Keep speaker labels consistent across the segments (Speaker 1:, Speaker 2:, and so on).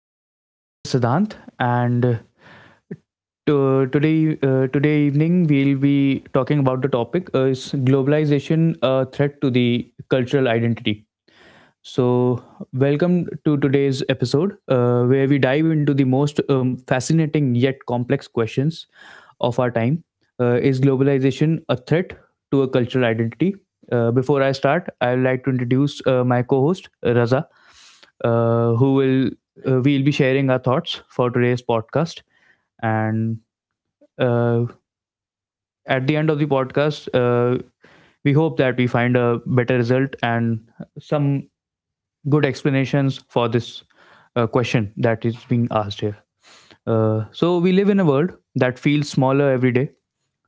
Speaker 1: podcast. This is Siddhant, and today, today evening, we'll be talking about the topic, is globalization a threat to the cultural identity? So, welcome to today's episode, where we dive into the most fascinating yet complex questions of our time. Is globalization a threat to a cultural identity? Before I start, I would like to introduce my co-host Raza, who will
Speaker 2: Hi.
Speaker 1: we'll be sharing our thoughts for today's podcast, and uh, at the end of the podcast, we hope that we find a better result and some good explanations for this question that is being asked here. So, we live in a world that feels smaller every day,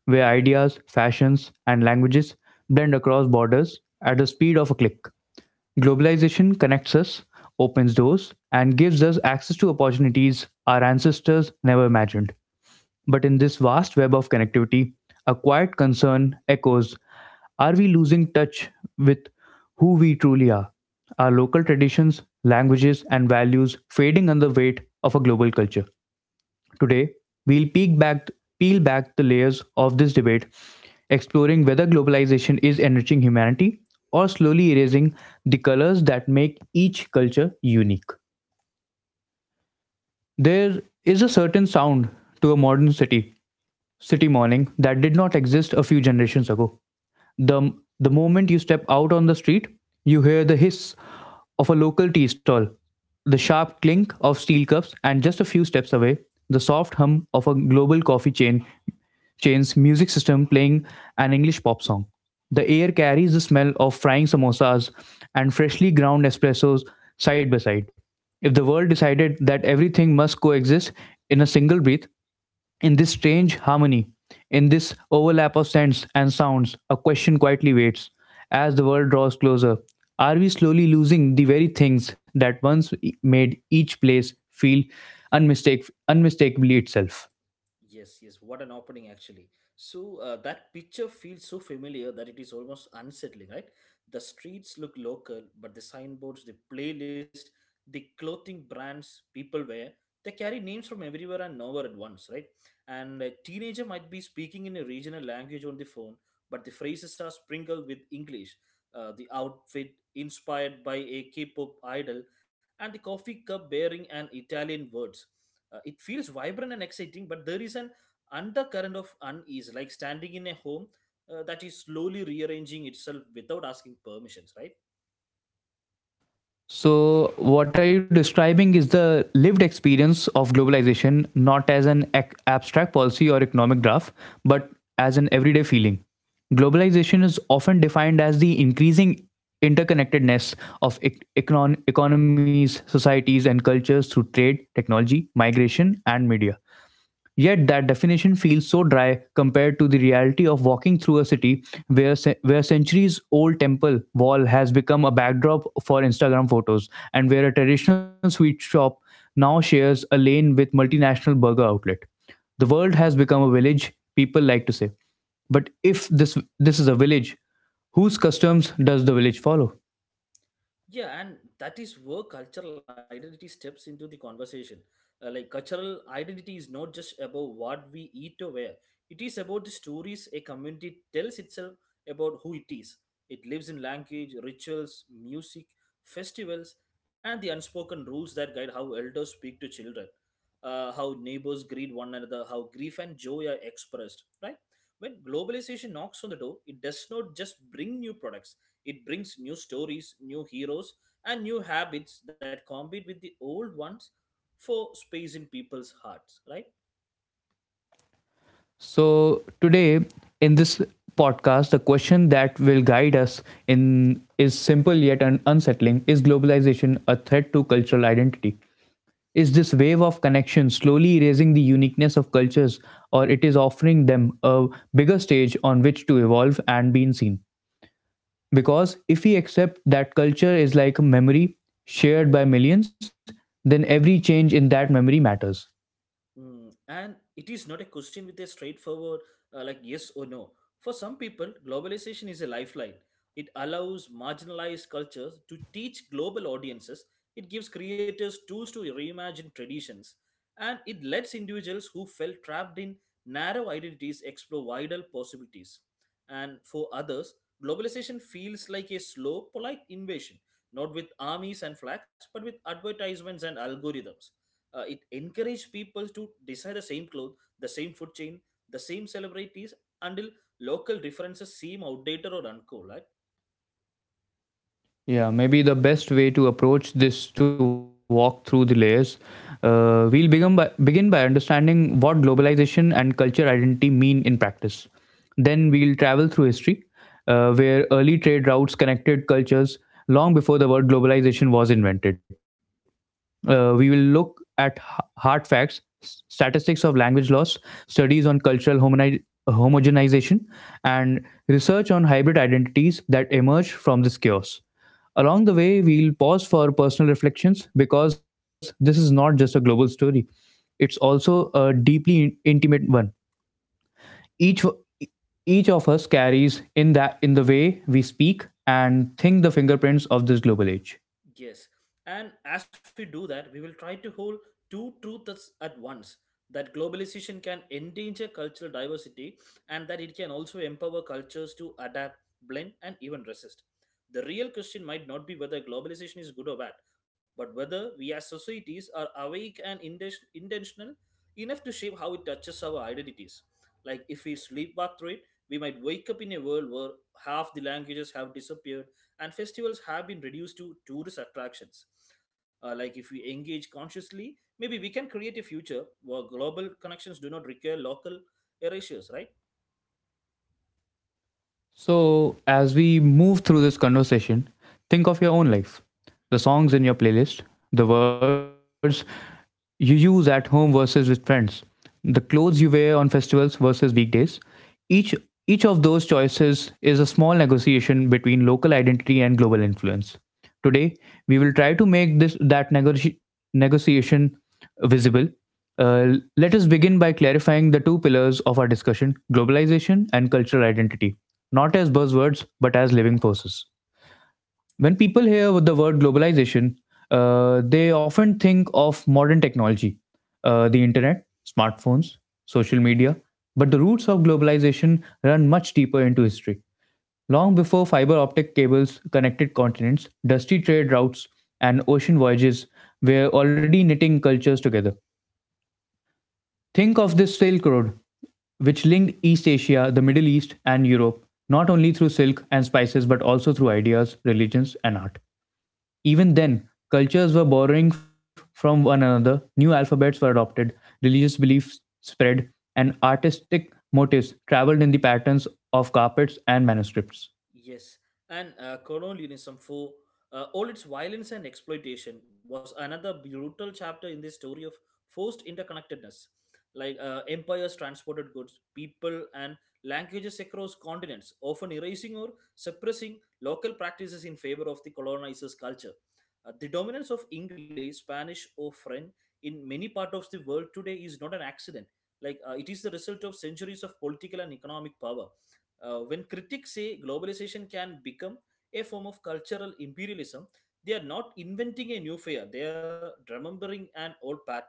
Speaker 1: where ideas, fashions, and languages blend across borders at the speed of a click. Globalization connects us, opens doors, and gives us access to opportunities our ancestors never imagined. But in this vast web of connectivity, a quiet concern echoes. Are we losing touch with who we truly are? Are local traditions, languages, and values fading under the weight of a global culture? Today, we'll peel back the layers of this debate, exploring whether globalization is enriching humanity or slowly erasing the colors that make each culture unique. There is a certain sound to a modern city morning, that did not exist a few generations ago. The, the moment you step out on the street, you hear the hiss of a local tea stall, the sharp clink of steel cups, and just a few steps away, the soft hum of a global coffee chain's music system playing an English pop song. The air carries the smell of frying samosas and freshly ground espressos side by side. If the world decided that everything must coexist in a single breath, in this strange harmony, in this overlap of scents and sounds, a question quietly waits. As the world draws closer, are we slowly losing the very things that once made each place feel unmistakably itself?
Speaker 2: Yes, yes. What an opening, actually. So that picture feels so familiar that it is almost unsettling, right? The streets look local, but the signboards, the playlist, the clothing brands people wear, they carry names from everywhere and nowhere at once, right? And a teenager might be speaking in a regional language on the phone, but the phrases are sprinkled with English. The outfit inspired by a K-pop idol, and the coffee cup bearing an Italian words. It feels vibrant and exciting, but there is an undercurrent of unease, like standing in a home that is slowly rearranging itself without asking permissions, right?
Speaker 1: So, what are you describing is the lived experience of globalization, not as an abstract policy or economic graph, but as an everyday feeling. Globalization is often defined as the increasing interconnectedness of economies, societies, and cultures through trade, technology, migration, and media. Yet that definition feels so dry compared to the reality of walking through a city where centuries old temple wall has become a backdrop for Instagram photos and where a traditional sweet shop now shares a lane with multinational burger outlet. The world has become a village, people like to say. But if this is a village, whose customs does the village follow?
Speaker 2: Yeah, and that is where cultural identity steps into the conversation. Like cultural identity is not just about what we eat or wear. It is about the stories a community tells itself about who it is. It lives in language, rituals, music, festivals, and the unspoken rules that guide how elders speak to children, how neighbors greet one another, how grief and joy are expressed. Right? When globalization knocks on the door, it does not just bring new products, it brings new stories, new heroes, and new habits that compete with the old ones for space in people's hearts, right?
Speaker 1: So, today in this podcast, the question that will guide us in is simple yet unsettling. Is globalization a threat to cultural identity? Is this wave of connection slowly erasing the uniqueness of cultures, or it is offering them a bigger stage on which to evolve and be seen? Because if we accept that culture is like a memory shared by millions, then every change in that memory matters.
Speaker 2: Mm, and it is not a question with a straightforward, like yes or no. For some people, globalization is a lifeline. It allows marginalized cultures to teach global audiences, it gives creators tools to reimagine traditions, and it lets individuals who felt trapped in narrow identities explore wider possibilities. And for others, globalization feels like a slow, polite invasion, not with armies and flags, but with advertisements and algorithms. It encouraged people to desire the same clothes, the same food chain, the same celebrities until local differences seem outdated or uncool. Right?
Speaker 1: Yeah, maybe the best way to approach this to walk through the layers. We'll begin by understanding what globalization and culture identity mean in practice. Then we'll travel through history, where early trade routes connected cultures long before the word globalization was invented. We will look at hard facts, statistics of language loss, studies on cultural homogenization, and research on hybrid identities that emerge from this chaos. Along the way, we'll pause for personal reflections because this is not just a global story, it's also a deeply intimate one. Each w- each of us carries in that in the way we speak and think the fingerprints of this global age.
Speaker 2: Yes. And as we do that, we will try to hold two truths at once, that globalization can endanger cultural diversity and that it can also empower cultures to adapt, blend, and even resist. The real question might not be whether globalization is good or bad, but whether we as societies are awake and intentional enough to shape how it touches our identities. Like if we sleepwalk through it, we might wake up in a world where half the languages have disappeared and festivals have been reduced to tourist attractions. Like if we engage consciously, maybe we can create a future where global connections do not require local erasures, right?
Speaker 1: So, as we move through this conversation, think of your own life, the songs in your playlist, the words you use at home versus with friends, the clothes you wear on festivals versus weekdays. Each each of those choices is a small negotiation between local identity and global influence. Today, we will try to make this that negotiation visible. Let us begin by clarifying the two pillars of our discussion, globalization and cultural identity, not as buzzwords, but as living forces. When people hear the word globalization, they often think of modern technology, the internet, smartphones, social media. But the roots of globalization run much deeper into history. Long before fiber optic cables connected continents, dusty trade routes and ocean voyages were already knitting cultures together. Think of this Silk Road, which linked East Asia, the Middle East, and Europe, not only through silk and spices, but also through ideas, religions, and art. Even then, cultures were borrowing from one another, new alphabets were adopted, religious beliefs spread, and artistic motifs traveled in the patterns of carpets and manuscripts.
Speaker 2: Yes, and colonialism for all its violence and exploitation was another brutal chapter in the story of forced interconnectedness. Like empires transported goods, people, and languages across continents, often erasing or suppressing local practices in favor of the colonizer's culture. The dominance of English, Spanish, or French in many parts of the world today is not an accident. Like it is the result of centuries of political and economic power. When critics say globalization can become a form of cultural imperialism, they are not inventing a new fear, they are remembering an old pattern.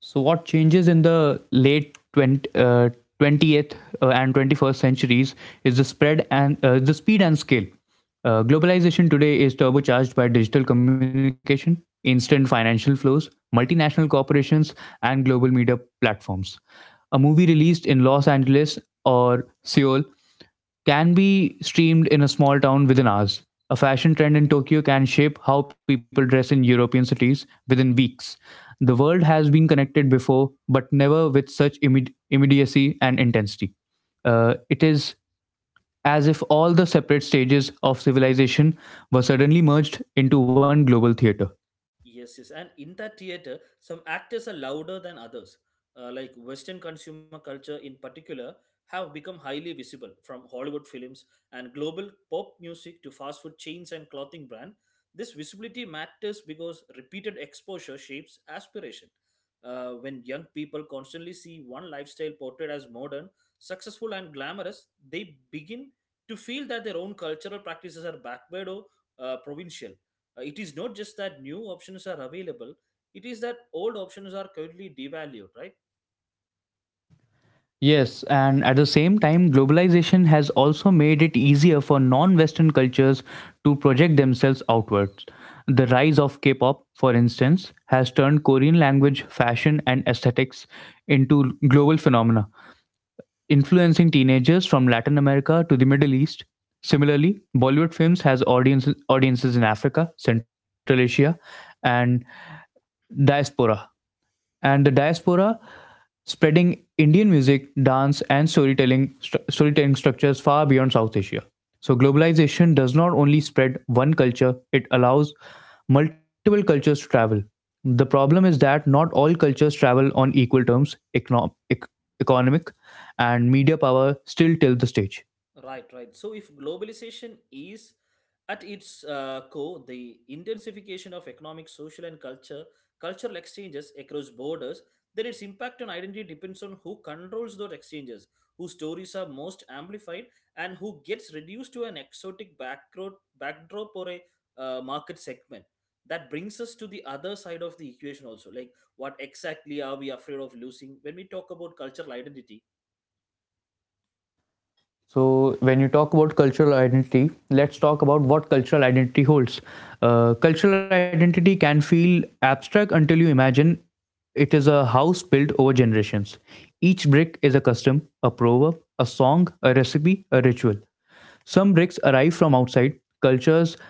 Speaker 1: So, what changes in the late 20th and 21st centuries is the spread and the speed and scale. Globalization today is turbocharged by digital communication, instant financial flows, multinational corporations, and global media platforms. A movie released in Los Angeles or Seoul can be streamed in a small town within hours. A fashion trend in Tokyo can shape how people dress in European cities within weeks. The world has been connected before, but never with such immediacy and intensity. It is as if all the separate stages of civilization were suddenly merged into one global theater.
Speaker 2: Yes, yes. And in that theater, some actors are louder than others. Like Western consumer culture in particular have become highly visible, from Hollywood films and global pop music to fast food chains and clothing brand. This visibility matters because repeated exposure shapes aspiration. When young people constantly see one lifestyle portrayed as modern, successful, and glamorous, they begin to feel that their own cultural practices are backward or provincial. It is not just that new options are available, it is that old options are currently devalued, right?
Speaker 1: Yes, and at the same time, globalization has also made it easier for non Western cultures to project themselves outwards. The rise of K pop, for instance, has turned Korean language, fashion, and aesthetics into global phenomena, influencing teenagers from Latin America to the Middle East. Similarly, Bollywood films has audiences in Africa, Central Asia, and diaspora and the diaspora spreading Indian music, dance, and storytelling structures far beyond South Asia. So globalization does not only spread one culture; it allows multiple cultures to travel. The problem is that not all cultures travel on equal terms, economic and media power still tilt the stage.
Speaker 2: Right, right. So, if globalization is at its core the intensification of economic, social, and culture cultural exchanges across borders, then its impact on identity depends on who controls those exchanges, whose stories are most amplified, and who gets reduced to an exotic backdrop or a market segment. That brings us to the other side of the equation also. Like, what exactly are we afraid of losing when we talk about cultural identity?
Speaker 1: So, when you talk about cultural identity, let's talk about what cultural identity holds. Cultural identity can feel abstract until you imagine it is a house built over generations. Each brick is a custom, a proverb, a song, a recipe, a ritual. Some bricks arrive from outside. Cultures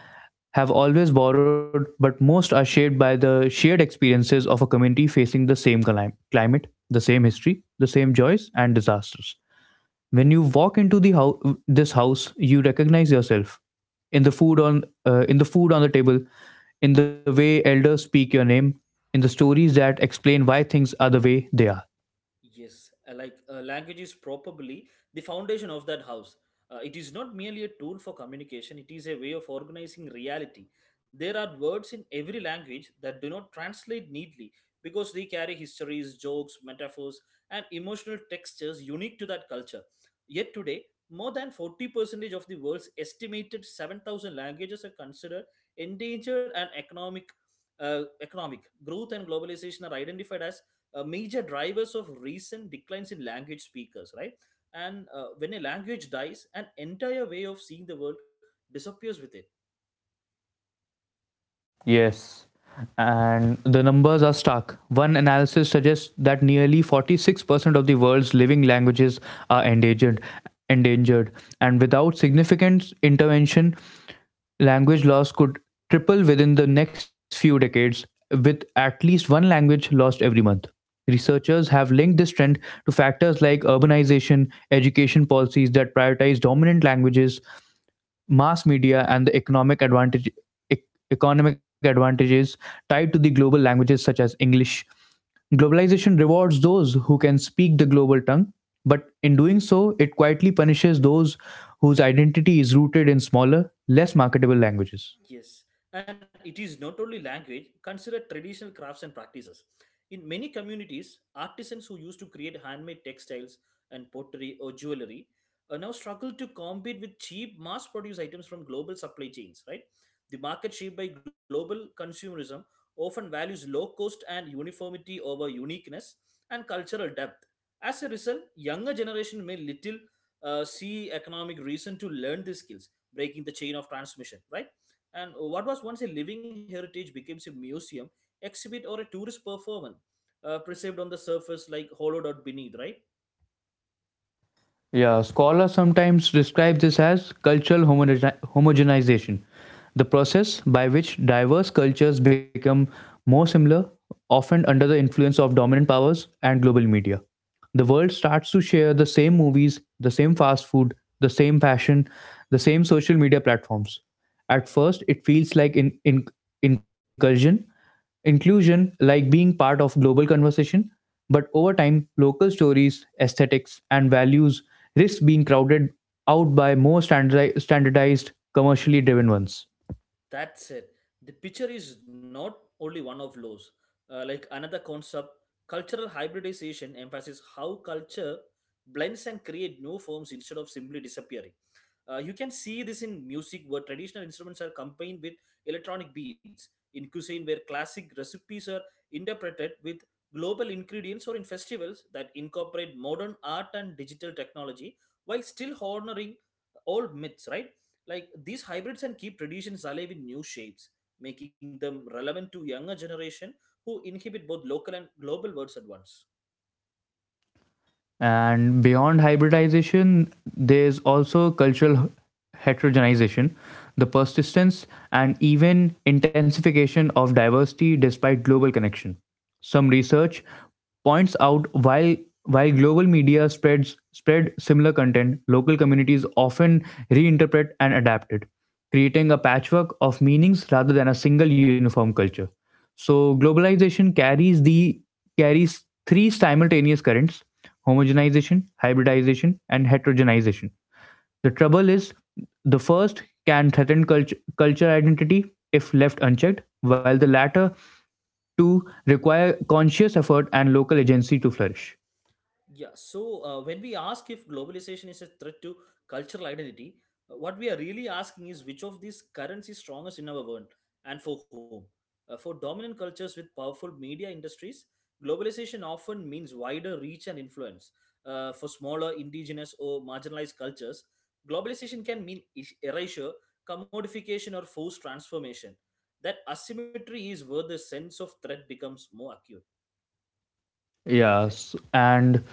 Speaker 1: have always borrowed, but most are shaped by the shared experiences of a community facing the same climate, the same history, the same joys and disasters. When you walk into the house, this house, you recognize yourself in the food on the table, in the way elders speak your name, in the stories that explain why things are the way they are.
Speaker 2: Yes, like language is probably the foundation of that house. It is not merely a tool for communication, it is a way of organizing reality. There are words in every language that do not translate neatly because they carry histories, jokes, metaphors, and emotional textures unique to that culture. Yet today, more than 40% of the world's estimated 7,000 languages are considered endangered and economic. Economic growth and globalization are identified as major drivers of recent declines in language speakers, right? And when a language dies, an entire way of seeing the world disappears with it.
Speaker 1: Yes. And the numbers are stark. One analysis suggests that nearly 46% of the world's living languages are endangered. And without significant intervention, language loss could triple within the next few decades, with at least one language lost every month. Researchers have linked this trend to factors like urbanization, education policies that prioritize dominant languages, mass media, and the ec- economic advantages tied to the global languages such as English. Globalization rewards those who can speak the global tongue, but in doing so it quietly punishes those whose identity is rooted in smaller, less marketable languages.
Speaker 2: Yes, and it is not only language, consider traditional crafts and practices. In many communities, artisans who used to create handmade textiles and pottery or jewelry now struggle to compete with cheap mass produced items from global supply chains, right? The market shaped by global consumerism often values low cost and uniformity over uniqueness and cultural depth. As a result, younger generation may little see economic reason to learn these skills, breaking the chain of transmission, right? And what was once a living heritage becomes a museum exhibit or a tourist performance, perceived on the surface like hollowed out beneath, right?
Speaker 1: Yeah, scholars sometimes describe this as cultural homogenization, the process by which diverse cultures become more similar, often under the influence of dominant powers and global media. The world starts to share the same movies, the same fast food, the same fashion, the same social media platforms. At first, it feels like incursion, inclusion, like being part of global conversation. But over time, local stories, aesthetics, and values risk being crowded out by more standardized, commercially driven ones.
Speaker 2: That's it. The picture is not only one of laws. Like another concept, cultural hybridization emphasizes how culture blends and create new forms instead of simply disappearing. You can see this in music, where traditional instruments are combined with electronic beats. In cuisine, where classic recipes are interpreted with global ingredients, or in festivals that incorporate modern art and digital technology while still honoring old myths. Right? Like these hybrids can keep traditions alive in new shapes, making them relevant to younger generation who inhabit both local and global worlds at once.
Speaker 1: And beyond hybridization, there's also cultural heterogenization, the persistence and even intensification of diversity despite global connection. Some research points out while global media spread similar content, local communities often reinterpret and adapt it, creating a patchwork of meanings rather than a single uniform culture. So globalization carries three simultaneous currents: homogenization, hybridization, and heterogenization. The trouble is the first can threaten culture identity if left unchecked, while the latter two require conscious effort and local agency to flourish.
Speaker 2: Yeah, so when we ask if globalization is a threat to cultural identity, what we are really asking is which of these currents is strongest in our world and for whom? For dominant cultures with powerful media industries, globalization often means wider reach and influence. For smaller, indigenous, or marginalized cultures, globalization can mean erasure, commodification, or forced transformation. That asymmetry is where the sense of threat becomes more acute, right?
Speaker 1: Yes, and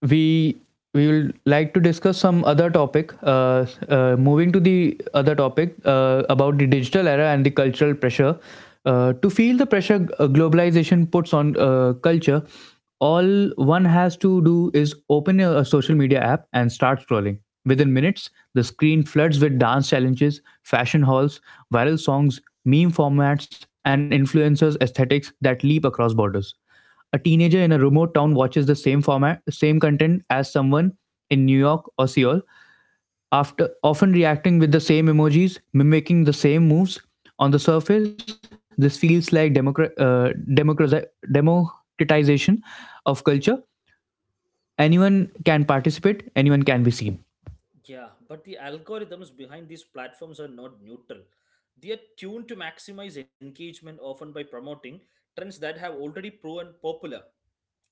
Speaker 1: we we will like to discuss some other topic. Moving to the other topic about the digital era and the cultural pressure. To feel the pressure globalization puts on culture, all one has to do is open a social media app and start scrolling. Within minutes, the screen floods with dance challenges, fashion hauls, viral songs, meme formats, and influencers' aesthetics that leap across borders. A teenager in a remote town watches the same format, same content as someone in New York or Seoul, after often reacting with the same emojis, mimicking the same moves. On the surface, this feels like democratization of culture. Anyone can participate, anyone can be seen.
Speaker 2: Yeah, but the algorithms behind these platforms are not neutral. They are tuned to maximize engagement, often by promoting trends that have already proven popular.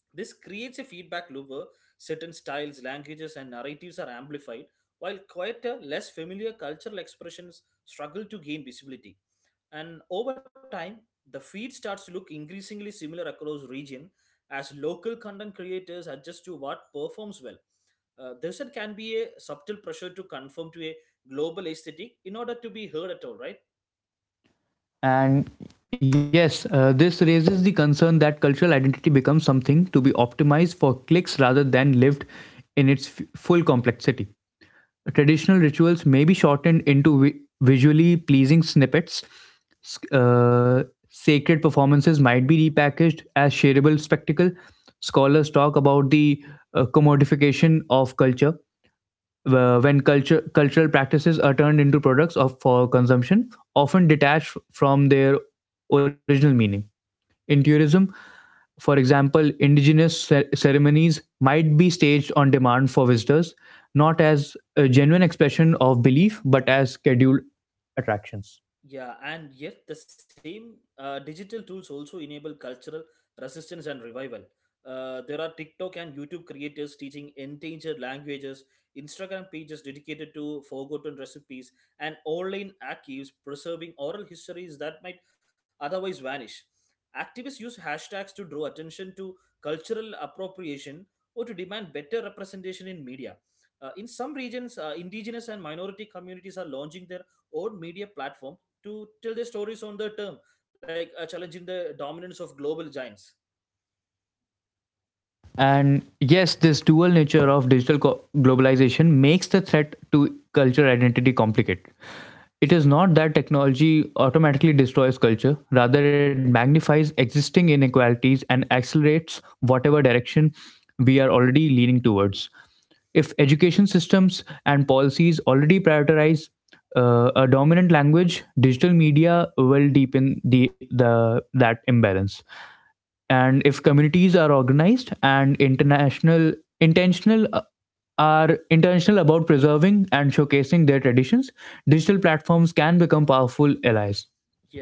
Speaker 2: This creates a feedback loop where certain styles, languages, and narratives are amplified, while quieter, less familiar cultural expressions struggle to gain visibility, and over time the feed starts to look increasingly similar across region as local content creators adjust to what performs well. This it can be a subtle pressure to conform to a global aesthetic in order to be heard at all, right?
Speaker 1: And yes, this raises the concern that cultural identity becomes something to be optimized for clicks rather than lived in its full complexity. Traditional rituals may be shortened into visually pleasing snippets. S- Uh, Sacred performances might be repackaged as shareable spectacle. Scholars talk about the commodification of culture when culture cultural practices are turned into products of for consumption, often detached from their original meaning. In tourism, for example, indigenous ceremonies might be staged on demand for visitors, not as a genuine expression of belief, but as scheduled attractions.
Speaker 2: Yeah, and yet the same digital tools also enable cultural resistance and revival. There are TikTok and YouTube creators teaching endangered languages, Instagram pages dedicated to forgotten recipes, and online archives preserving oral histories that might otherwise vanish. Activists use hashtags to draw attention to cultural appropriation or to demand better representation in media. In some regions, indigenous and minority communities are launching their own media platforms to tell their stories on their term, like challenging the dominance of global giants.
Speaker 1: And yes, this dual nature of digital globalization makes the threat to culture identity complicated. It is not that technology automatically destroys culture; rather, it magnifies existing inequalities and accelerates whatever direction we are already leaning towards. If education systems and policies already prioritize a dominant language, digital media will deepen the that imbalance, and if communities are organized and international intentional are intentional about preserving and showcasing their traditions, digital platforms can become powerful allies.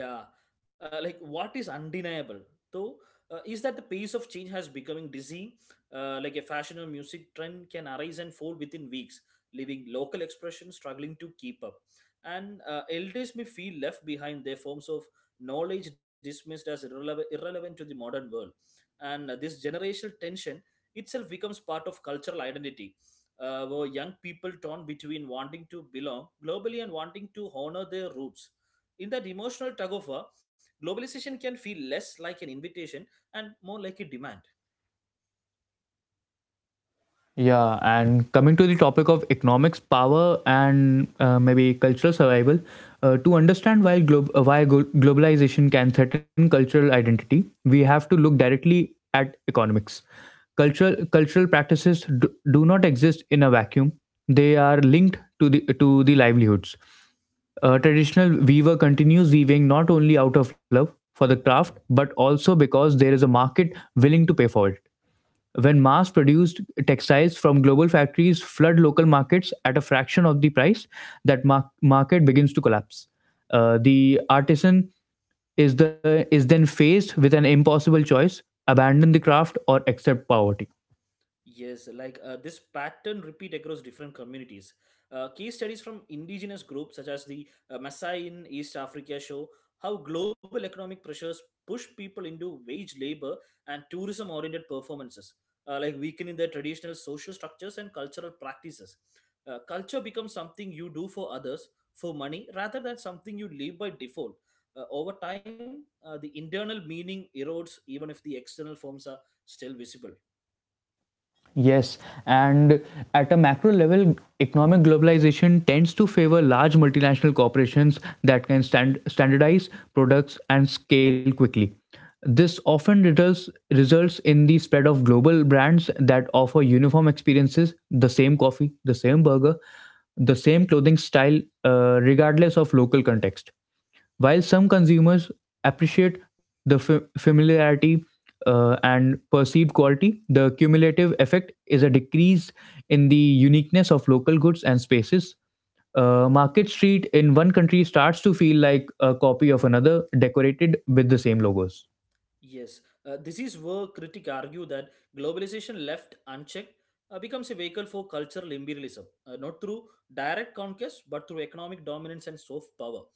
Speaker 2: Yeah, like what is undeniable though is that the pace of change has becoming dizzy. Like a fashion or music trend can arise and fall within weeks, leaving local expressions struggling to keep up. And elders may feel left behind, their forms of knowledge dismissed as irrelevant to the modern world. And this generational tension itself becomes part of cultural identity. Where young people torn between wanting to belong globally and wanting to honor their roots, in that emotional tug of war, globalization can feel less like an invitation and more like a demand.
Speaker 1: Yeah, and coming to the topic of economics, power, and maybe cultural survival, to understand why globalization can threaten cultural identity, we have to look directly at economics. Cultural practices do not exist in a vacuum; they are linked to the livelihoods. A traditional weaver continues weaving not only out of love for the craft, but also because there is a market willing to pay for it. When mass produced textiles from global factories flood local markets at a fraction of the price, that market begins to collapse. The artisan is then faced with an impossible choice: abandon the craft or accept poverty.
Speaker 2: Yes, like this pattern repeat across different communities. Case studies from indigenous groups such as the Maasai in East Africa show how global economic pressures push people into wage labor and tourism-oriented performances, like weakening their traditional social structures and cultural practices. Culture becomes something you do for others for money rather than something you live by default. Over time, the internal meaning erodes even if the external forms are still visible.
Speaker 1: Yes, and at a macro level, economic globalization tends to favor large multinational corporations that can standardize products and scale quickly. This often results in the spread of global brands that offer uniform experiences: the same coffee, the same burger, the same
Speaker 2: Hmm.
Speaker 1: clothing style, regardless of local context. While some consumers appreciate the familiarity and perceived quality, the cumulative effect is a decrease in the uniqueness of local goods and spaces. Market Street in one country starts to feel like a copy of another, decorated with the same logos.
Speaker 2: Yes, this is where critics argue that globalization left unchecked becomes a vehicle for cultural imperialism, not through direct conquest but through economic dominance and soft power.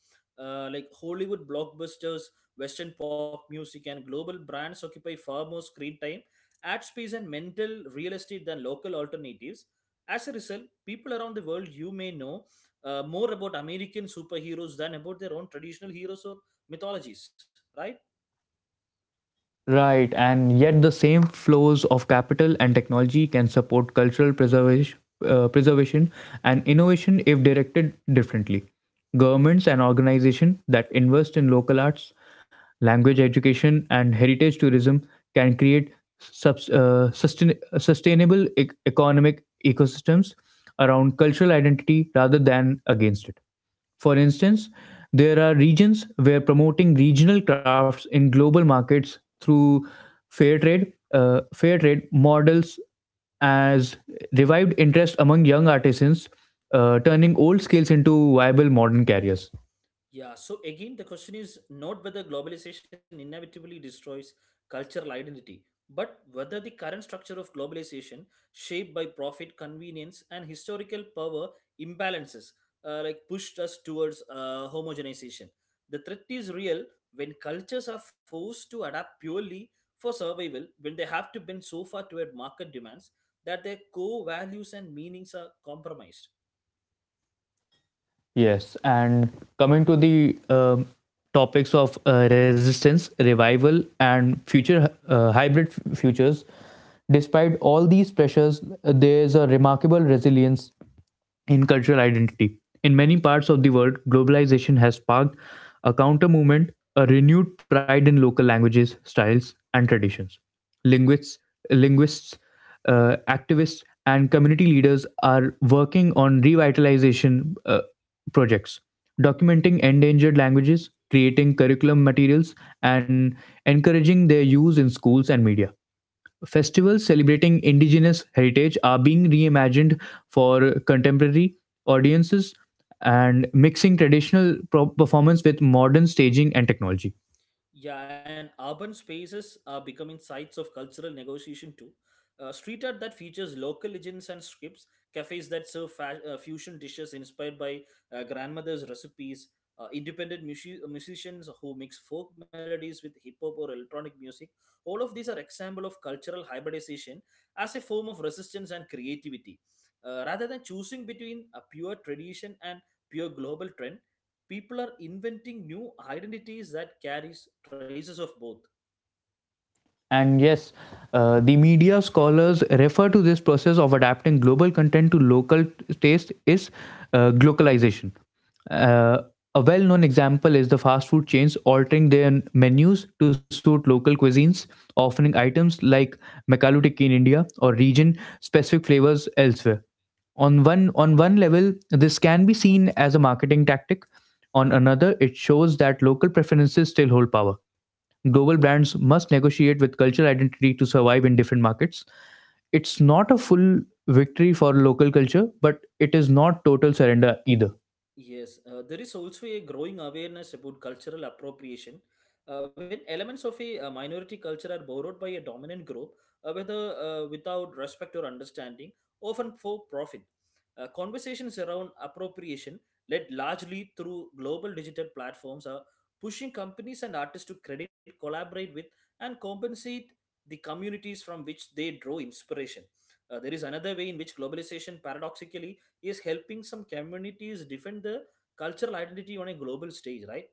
Speaker 2: Like Hollywood blockbusters, Western pop music, and global brands occupy far more screen time, ad space, and mental real estate than local alternatives. As a result, people around the world you may know more about American superheroes than about their own traditional heroes or mythologies, right?
Speaker 1: Right, and yet the same flows of capital and technology can support cultural preservation, uh, preservation and innovation if directed differently. Governments and organizations that invest in local arts, language education, and heritage tourism can create sustainable economic ecosystems around cultural identity rather than against it. For instance, there are regions where promoting regional crafts in global markets through fair trade models as revived interest among young artisans, turning old skills into viable modern careers.
Speaker 2: Yeah, so again, the question is not whether globalization inevitably destroys cultural identity, but whether the current structure of globalization, shaped by profit, convenience, and historical power imbalances, like pushed us towards homogenization. The threat is real when cultures are forced to adapt purely for survival, when they have to bend so far toward market demands that their core values and meanings are compromised.
Speaker 1: Yes, and coming to the topics of resistance, revival, and future hybrid futures, despite all these pressures, there's a remarkable resilience in cultural identity. In many parts of the world, globalization has sparked a counter movement, a renewed pride in local languages, styles, and traditions. Linguists, linguists, activists, and community leaders are working on revitalization projects, documenting endangered languages, creating curriculum materials, and encouraging their use in schools and media. Festivals celebrating indigenous heritage are being reimagined for contemporary audiences and mixing traditional performance with modern staging and technology.
Speaker 2: Yeah, and urban spaces are becoming sites of cultural negotiation too. Street art that features local legends and scripts, cafes that serve fusion dishes inspired by grandmother's recipes, independent musicians who mix folk melodies with hip hop or electronic music. All of these are example of cultural hybridization as a form of resistance and creativity. Rather than choosing between a pure tradition and pure global trend, people are inventing new identities that carries traces of both.
Speaker 1: And yes, the media scholars refer to this process of adapting global content to local taste is glocalization. Uh, a well-known example is the fast food chains altering their menus to suit local cuisines, offering items like McAloo in India or region-specific flavors elsewhere. On one level, this can be seen as a marketing tactic. On another, it shows that local preferences still hold power. Global brands must negotiate with cultural identity to survive in different markets. It's not a full victory for local culture, but it is not total surrender either.
Speaker 2: Yes, there is also a growing awareness about cultural appropriation. When elements of a, minority culture are borrowed by a dominant group, whether without respect or understanding, often for profit. Conversations around appropriation, led largely through global digital platforms, are pushing companies and artists to credit, collaborate with, and compensate the communities from which they draw inspiration. There is another way in which globalization paradoxically is helping some communities defend the cultural identity on a global stage, right?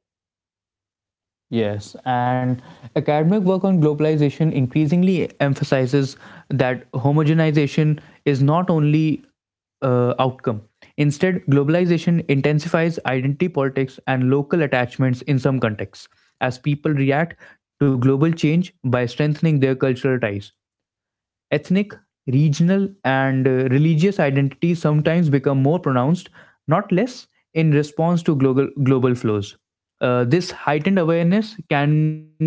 Speaker 1: Yes, and academic work on globalization increasingly emphasizes that homogenization is not only outcome. Instead, globalization intensifies identity politics and local attachments in some contexts, as people react to global change by strengthening their cultural ties. Ethnic, regional, and religious identities sometimes become more pronounced, not less, in response to global flows. This heightened awareness can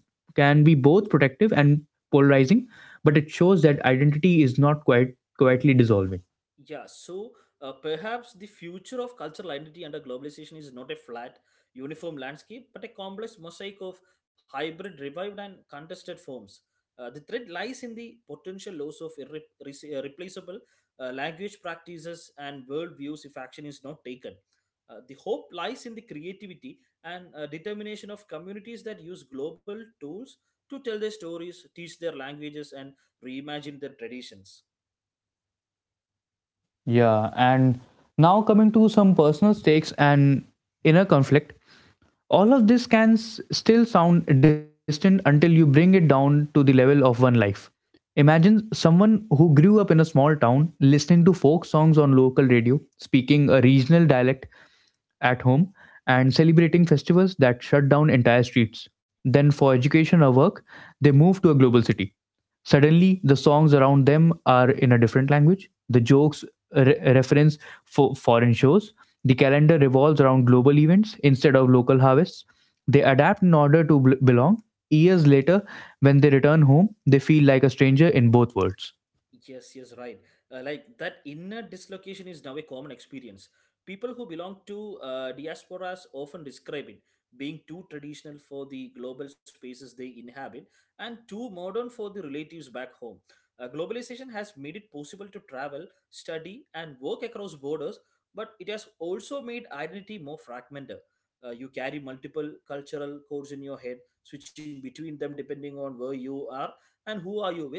Speaker 1: can be both protective and polarizing, but it shows that identity is not quite quietly dissolving.
Speaker 2: Yeah, so perhaps the future of cultural identity under globalization is not a flat, uniform landscape, but a complex mosaic of hybrid, revived, and contested forms. The threat lies in the potential loss of irreplaceable replaceable language practices and worldviews if action is not taken. The hope lies in the creativity and determination of communities that use global tools to tell their stories, teach their languages, and reimagine their traditions.
Speaker 1: Yeah, and now coming to some personal stakes and inner conflict. All of this can still sound distant until you bring it down to the level of one life. Imagine someone who grew up in a small town listening to folk songs on local radio, speaking a regional dialect at home, and celebrating festivals that shut down entire streets. Then, for education or work, they move to a global city. Suddenly, the songs around them are in a different language. The jokes reference foreign shows. The calendar revolves around global events instead of local harvests. They adapt in order to belong. Years later, when they return home, they feel like a stranger in both worlds.
Speaker 2: Yes, yes, right. Like that inner dislocation is now a common experience. People who belong to diasporas often describe it being too traditional for the global spaces they inhabit and too modern for the relatives back home. Globalization has made it possible to travel, study, and work across borders, but it has also made identity more fragmented. You carry multiple cultural codes in your head, switching between them depending on where you are and who are you with.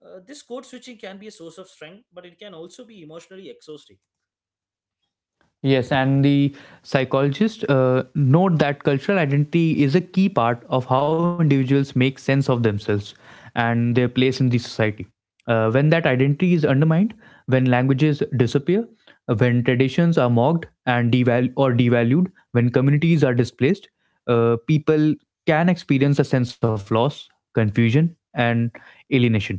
Speaker 2: This code switching can be a source of strength, but it can also be emotionally exhausting.
Speaker 1: Yes, and the psychologists note that cultural identity is a key part of how individuals make sense of themselves and their place in the society. When that identity is undermined, when languages disappear, when traditions are mocked and deval- or devalued, when communities are displaced, people can experience a sense of loss, confusion, and alienation.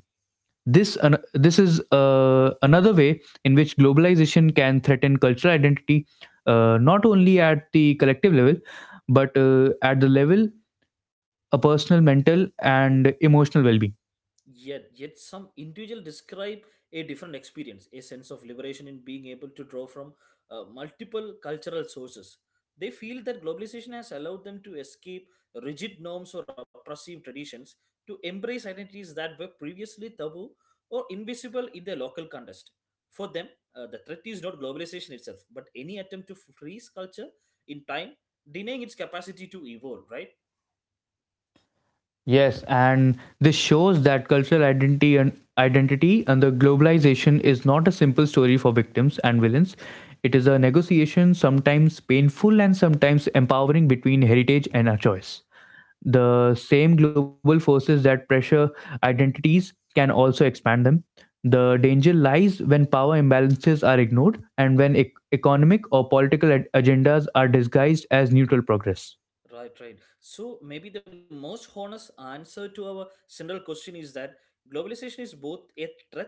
Speaker 1: This is another way in which globalization can threaten cultural identity, not only at the collective level, but at the level of personal, mental, and emotional well-being.
Speaker 2: Yet, yet some individual describe a different experience, a sense of liberation in being able to draw from multiple cultural sources. They feel that globalization has allowed them to escape rigid norms or oppressive traditions, to embrace identities that were previously taboo or invisible in their local context. For them, the threat is not globalization itself, but any attempt to freeze culture in time, denying its capacity to evolve, right?
Speaker 1: Yes, and this shows that cultural identity and identity and the globalization is not a simple story for victims and villains. It is a negotiation, sometimes painful and sometimes empowering, between heritage and our choice. The same global forces that pressure identities can also expand them. The danger lies when power imbalances are ignored and when economic or political agendas are disguised as neutral progress.
Speaker 2: Right, right. So maybe the most honest answer to our central question is that globalization is both a threat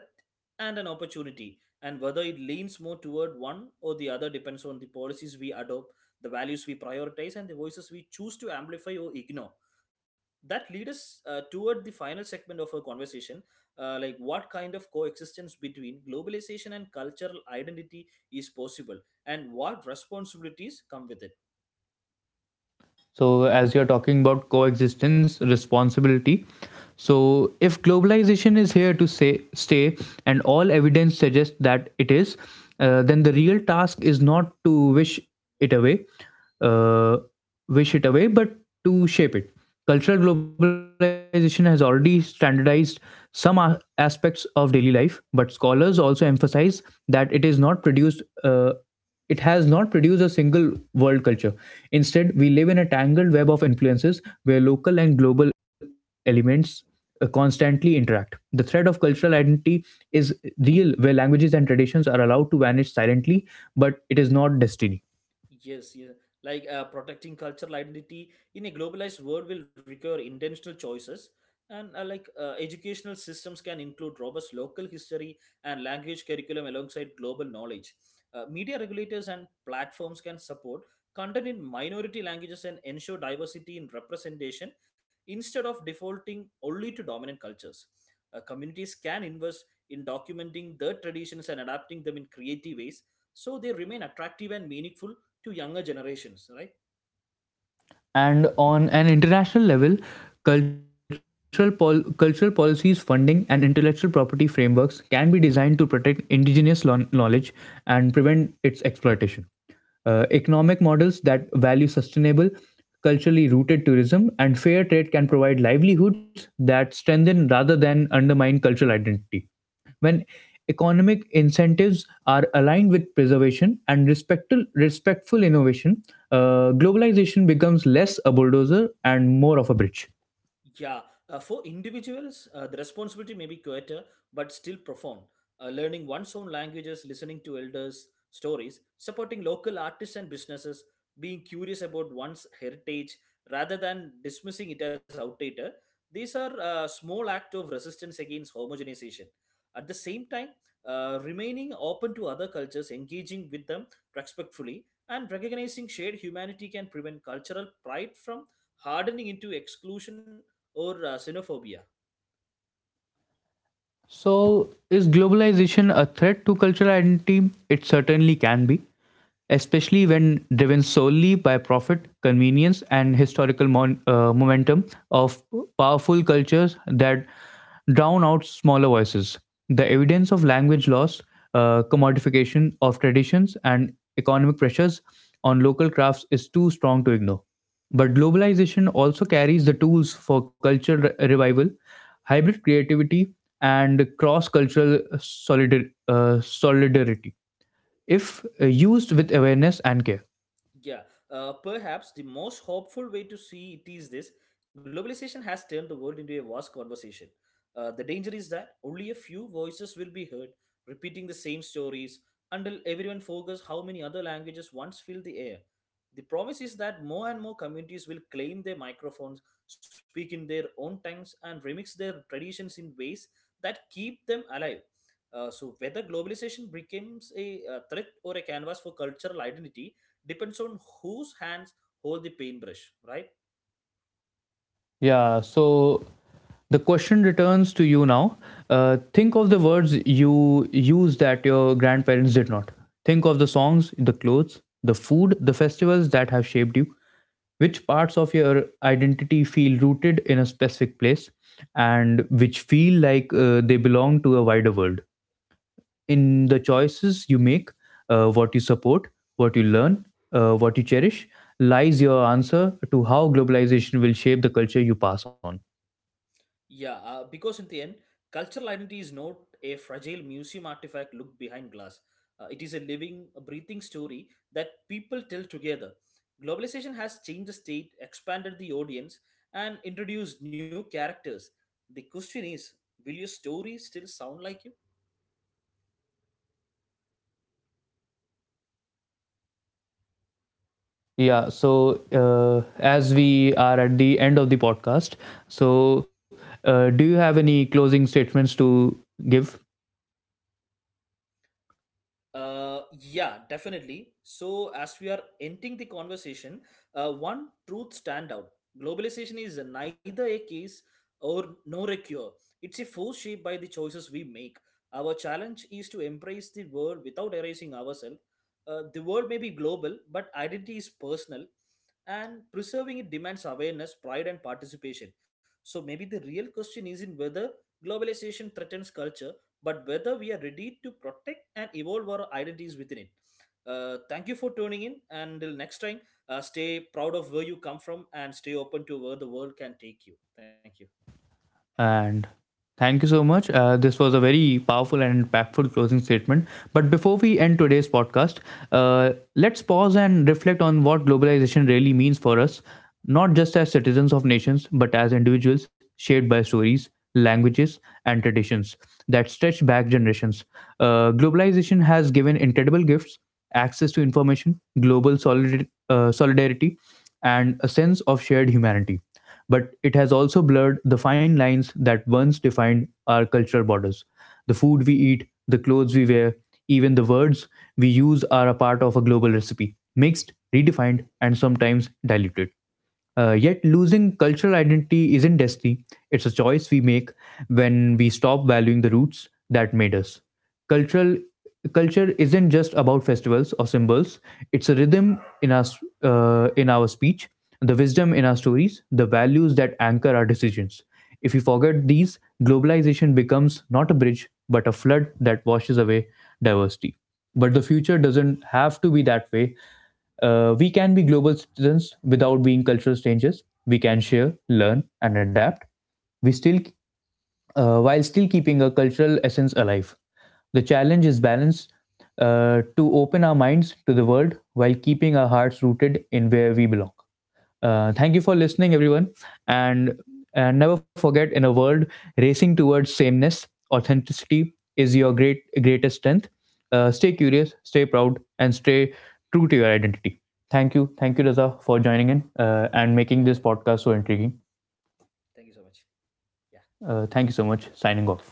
Speaker 2: and an opportunity, and whether it leans more toward one or the other depends on the policies we adopt, the values we prioritize, and the voices we choose to amplify or ignore. That leads us toward the final segment of our conversation, like what kind of coexistence between globalization and cultural identity is possible, and what responsibilities come with it.
Speaker 1: So, as you're talking about coexistence, responsibility, so if globalization is here to stay, and all evidence suggests that it is, then the real task is not to wish it away, uh, but to shape it. Cultural globalization has already standardized some aspects of daily life, but scholars also emphasize that it is not produced. It has not produced a single world culture. Instead, we live in a tangled web of influences where local and global elements constantly interact. The thread of cultural identity is real, where languages and traditions are allowed to vanish silently, but it is not destiny.
Speaker 2: Yes, yes. Like protecting cultural identity in a globalized world will require intentional choices. And like educational systems can include robust local history and language curriculum alongside global knowledge. Media regulators and platforms can support content in minority languages and ensure diversity in representation instead of defaulting only to dominant cultures. Communities can invest in documenting their traditions and adapting them in creative ways so they remain attractive and meaningful to younger generations, right?
Speaker 1: And on an international level, cultural policies, funding, and intellectual property frameworks can be designed to protect indigenous knowledge and prevent its exploitation. Uh, economic models that value sustainable, culturally rooted tourism and fair trade can provide livelihoods that strengthen rather than undermine cultural identity. When economic incentives are aligned with preservation and respectful innovation, globalization becomes less a bulldozer and more of a bridge.
Speaker 2: Yeah, for individuals, the responsibility may be quieter, but still profound. Learning one's own languages, listening to elders' stories, supporting local artists and businesses, being curious about one's heritage rather than dismissing it as outdated. These are small act of resistance against homogenization. At the same time, remaining open to other cultures, engaging with them respectfully, and recognizing shared humanity can prevent cultural pride from hardening into exclusion or xenophobia.
Speaker 1: So, is globalization a threat to cultural identity? It certainly can be, especially when driven solely by profit, convenience, and historical momentum of powerful cultures that drown out smaller voices. The evidence of language loss, commodification of traditions, and economic pressures on local crafts is too strong to ignore. But globalization also carries the tools for cultural revival, hybrid creativity, and cross cultural solidarity if used with awareness and care.
Speaker 2: Yeah, perhaps the most hopeful way to see it is this: globalization has turned the world into a vast conversation. The danger is that only a few voices will be heard, repeating the same stories until everyone forgets how many other languages once filled the air. The promise is that more and more communities will claim their microphones, speak in their own tongues, and remix their traditions in ways that keep them alive. So, whether globalization becomes a threat or a canvas for cultural identity, depends on whose hands hold the paintbrush, right?
Speaker 1: Yeah, so the question returns to you now. Think of the words you use that your grandparents did not. Think of the songs, the clothes, the food, the festivals that have shaped you. Which parts of your identity feel rooted in a specific place, and which feel like they belong to a wider world? In the choices you make, what you support, what you learn, what you cherish, lies your answer to how globalization will shape the culture you pass on.
Speaker 2: Yeah, because in the end, cultural identity is not a fragile museum artifact looked behind glass. It is a living, a breathing story that people tell together. Globalization has changed the state, expanded the audience, and introduced new characters. The question is, will your story still sound like you?
Speaker 1: Yeah, so as we are at the end of the podcast, so do you have any closing statements to give?
Speaker 2: Yeah, definitely. So, as we are ending the conversation, one truth stand out: globalization is neither a case or nor a cure. It's a force shaped by the choices we make. Our challenge is to embrace the world without erasing ourselves. The world may be global, but identity is personal, and preserving it demands awareness, pride, and participation. So, maybe the real question isn't whether globalization threatens culture but whether we are ready to protect and evolve our identities within it. Thank you for tuning in, and until next time, stay proud of where you come from and stay open to where the world can take you. Thank you.
Speaker 1: And thank you so much. This was a very powerful and impactful closing statement. But before we end today's podcast, let's pause and reflect on what globalization really means for us, not just as citizens of nations, but as individuals shaped by stories, languages, and traditions that stretch back generations. Globalization has given incredible gifts: access to information, global solidarity, and a sense of shared humanity, but it has also blurred the fine lines that once defined our cultural borders. The food we eat, the clothes we wear, even the words we use are a part of a global recipe, mixed, redefined, and sometimes diluted. Yet, losing cultural identity isn't destiny, it's a choice we make when we stop valuing the roots that made us cultural Culture isn't just about festivals or symbols, it's a rhythm in our speech, the wisdom in our stories, the values that anchor our decisions. If we forget these, globalization becomes not a bridge but a flood that washes away diversity. But the future doesn't have to be that way. Uh, we can be global citizens without being cultural strangers. We can share, learn, and adapt. We still uh, while still keeping a cultural essence alive. The challenge is balance, to open our minds to the world while keeping our hearts rooted in where we belong. Thank you for listening, everyone, and never forget: in a world racing towards sameness, authenticity is your greatest strength. Stay curious, stay proud, and stay true to your identity. Thank you, Raza, for joining in and making
Speaker 2: Yeah, yeah,
Speaker 1: this
Speaker 2: yeah.
Speaker 1: podcast so intriguing.
Speaker 2: Thank you so much. Yeah.
Speaker 1: Thank you so much. Signing off.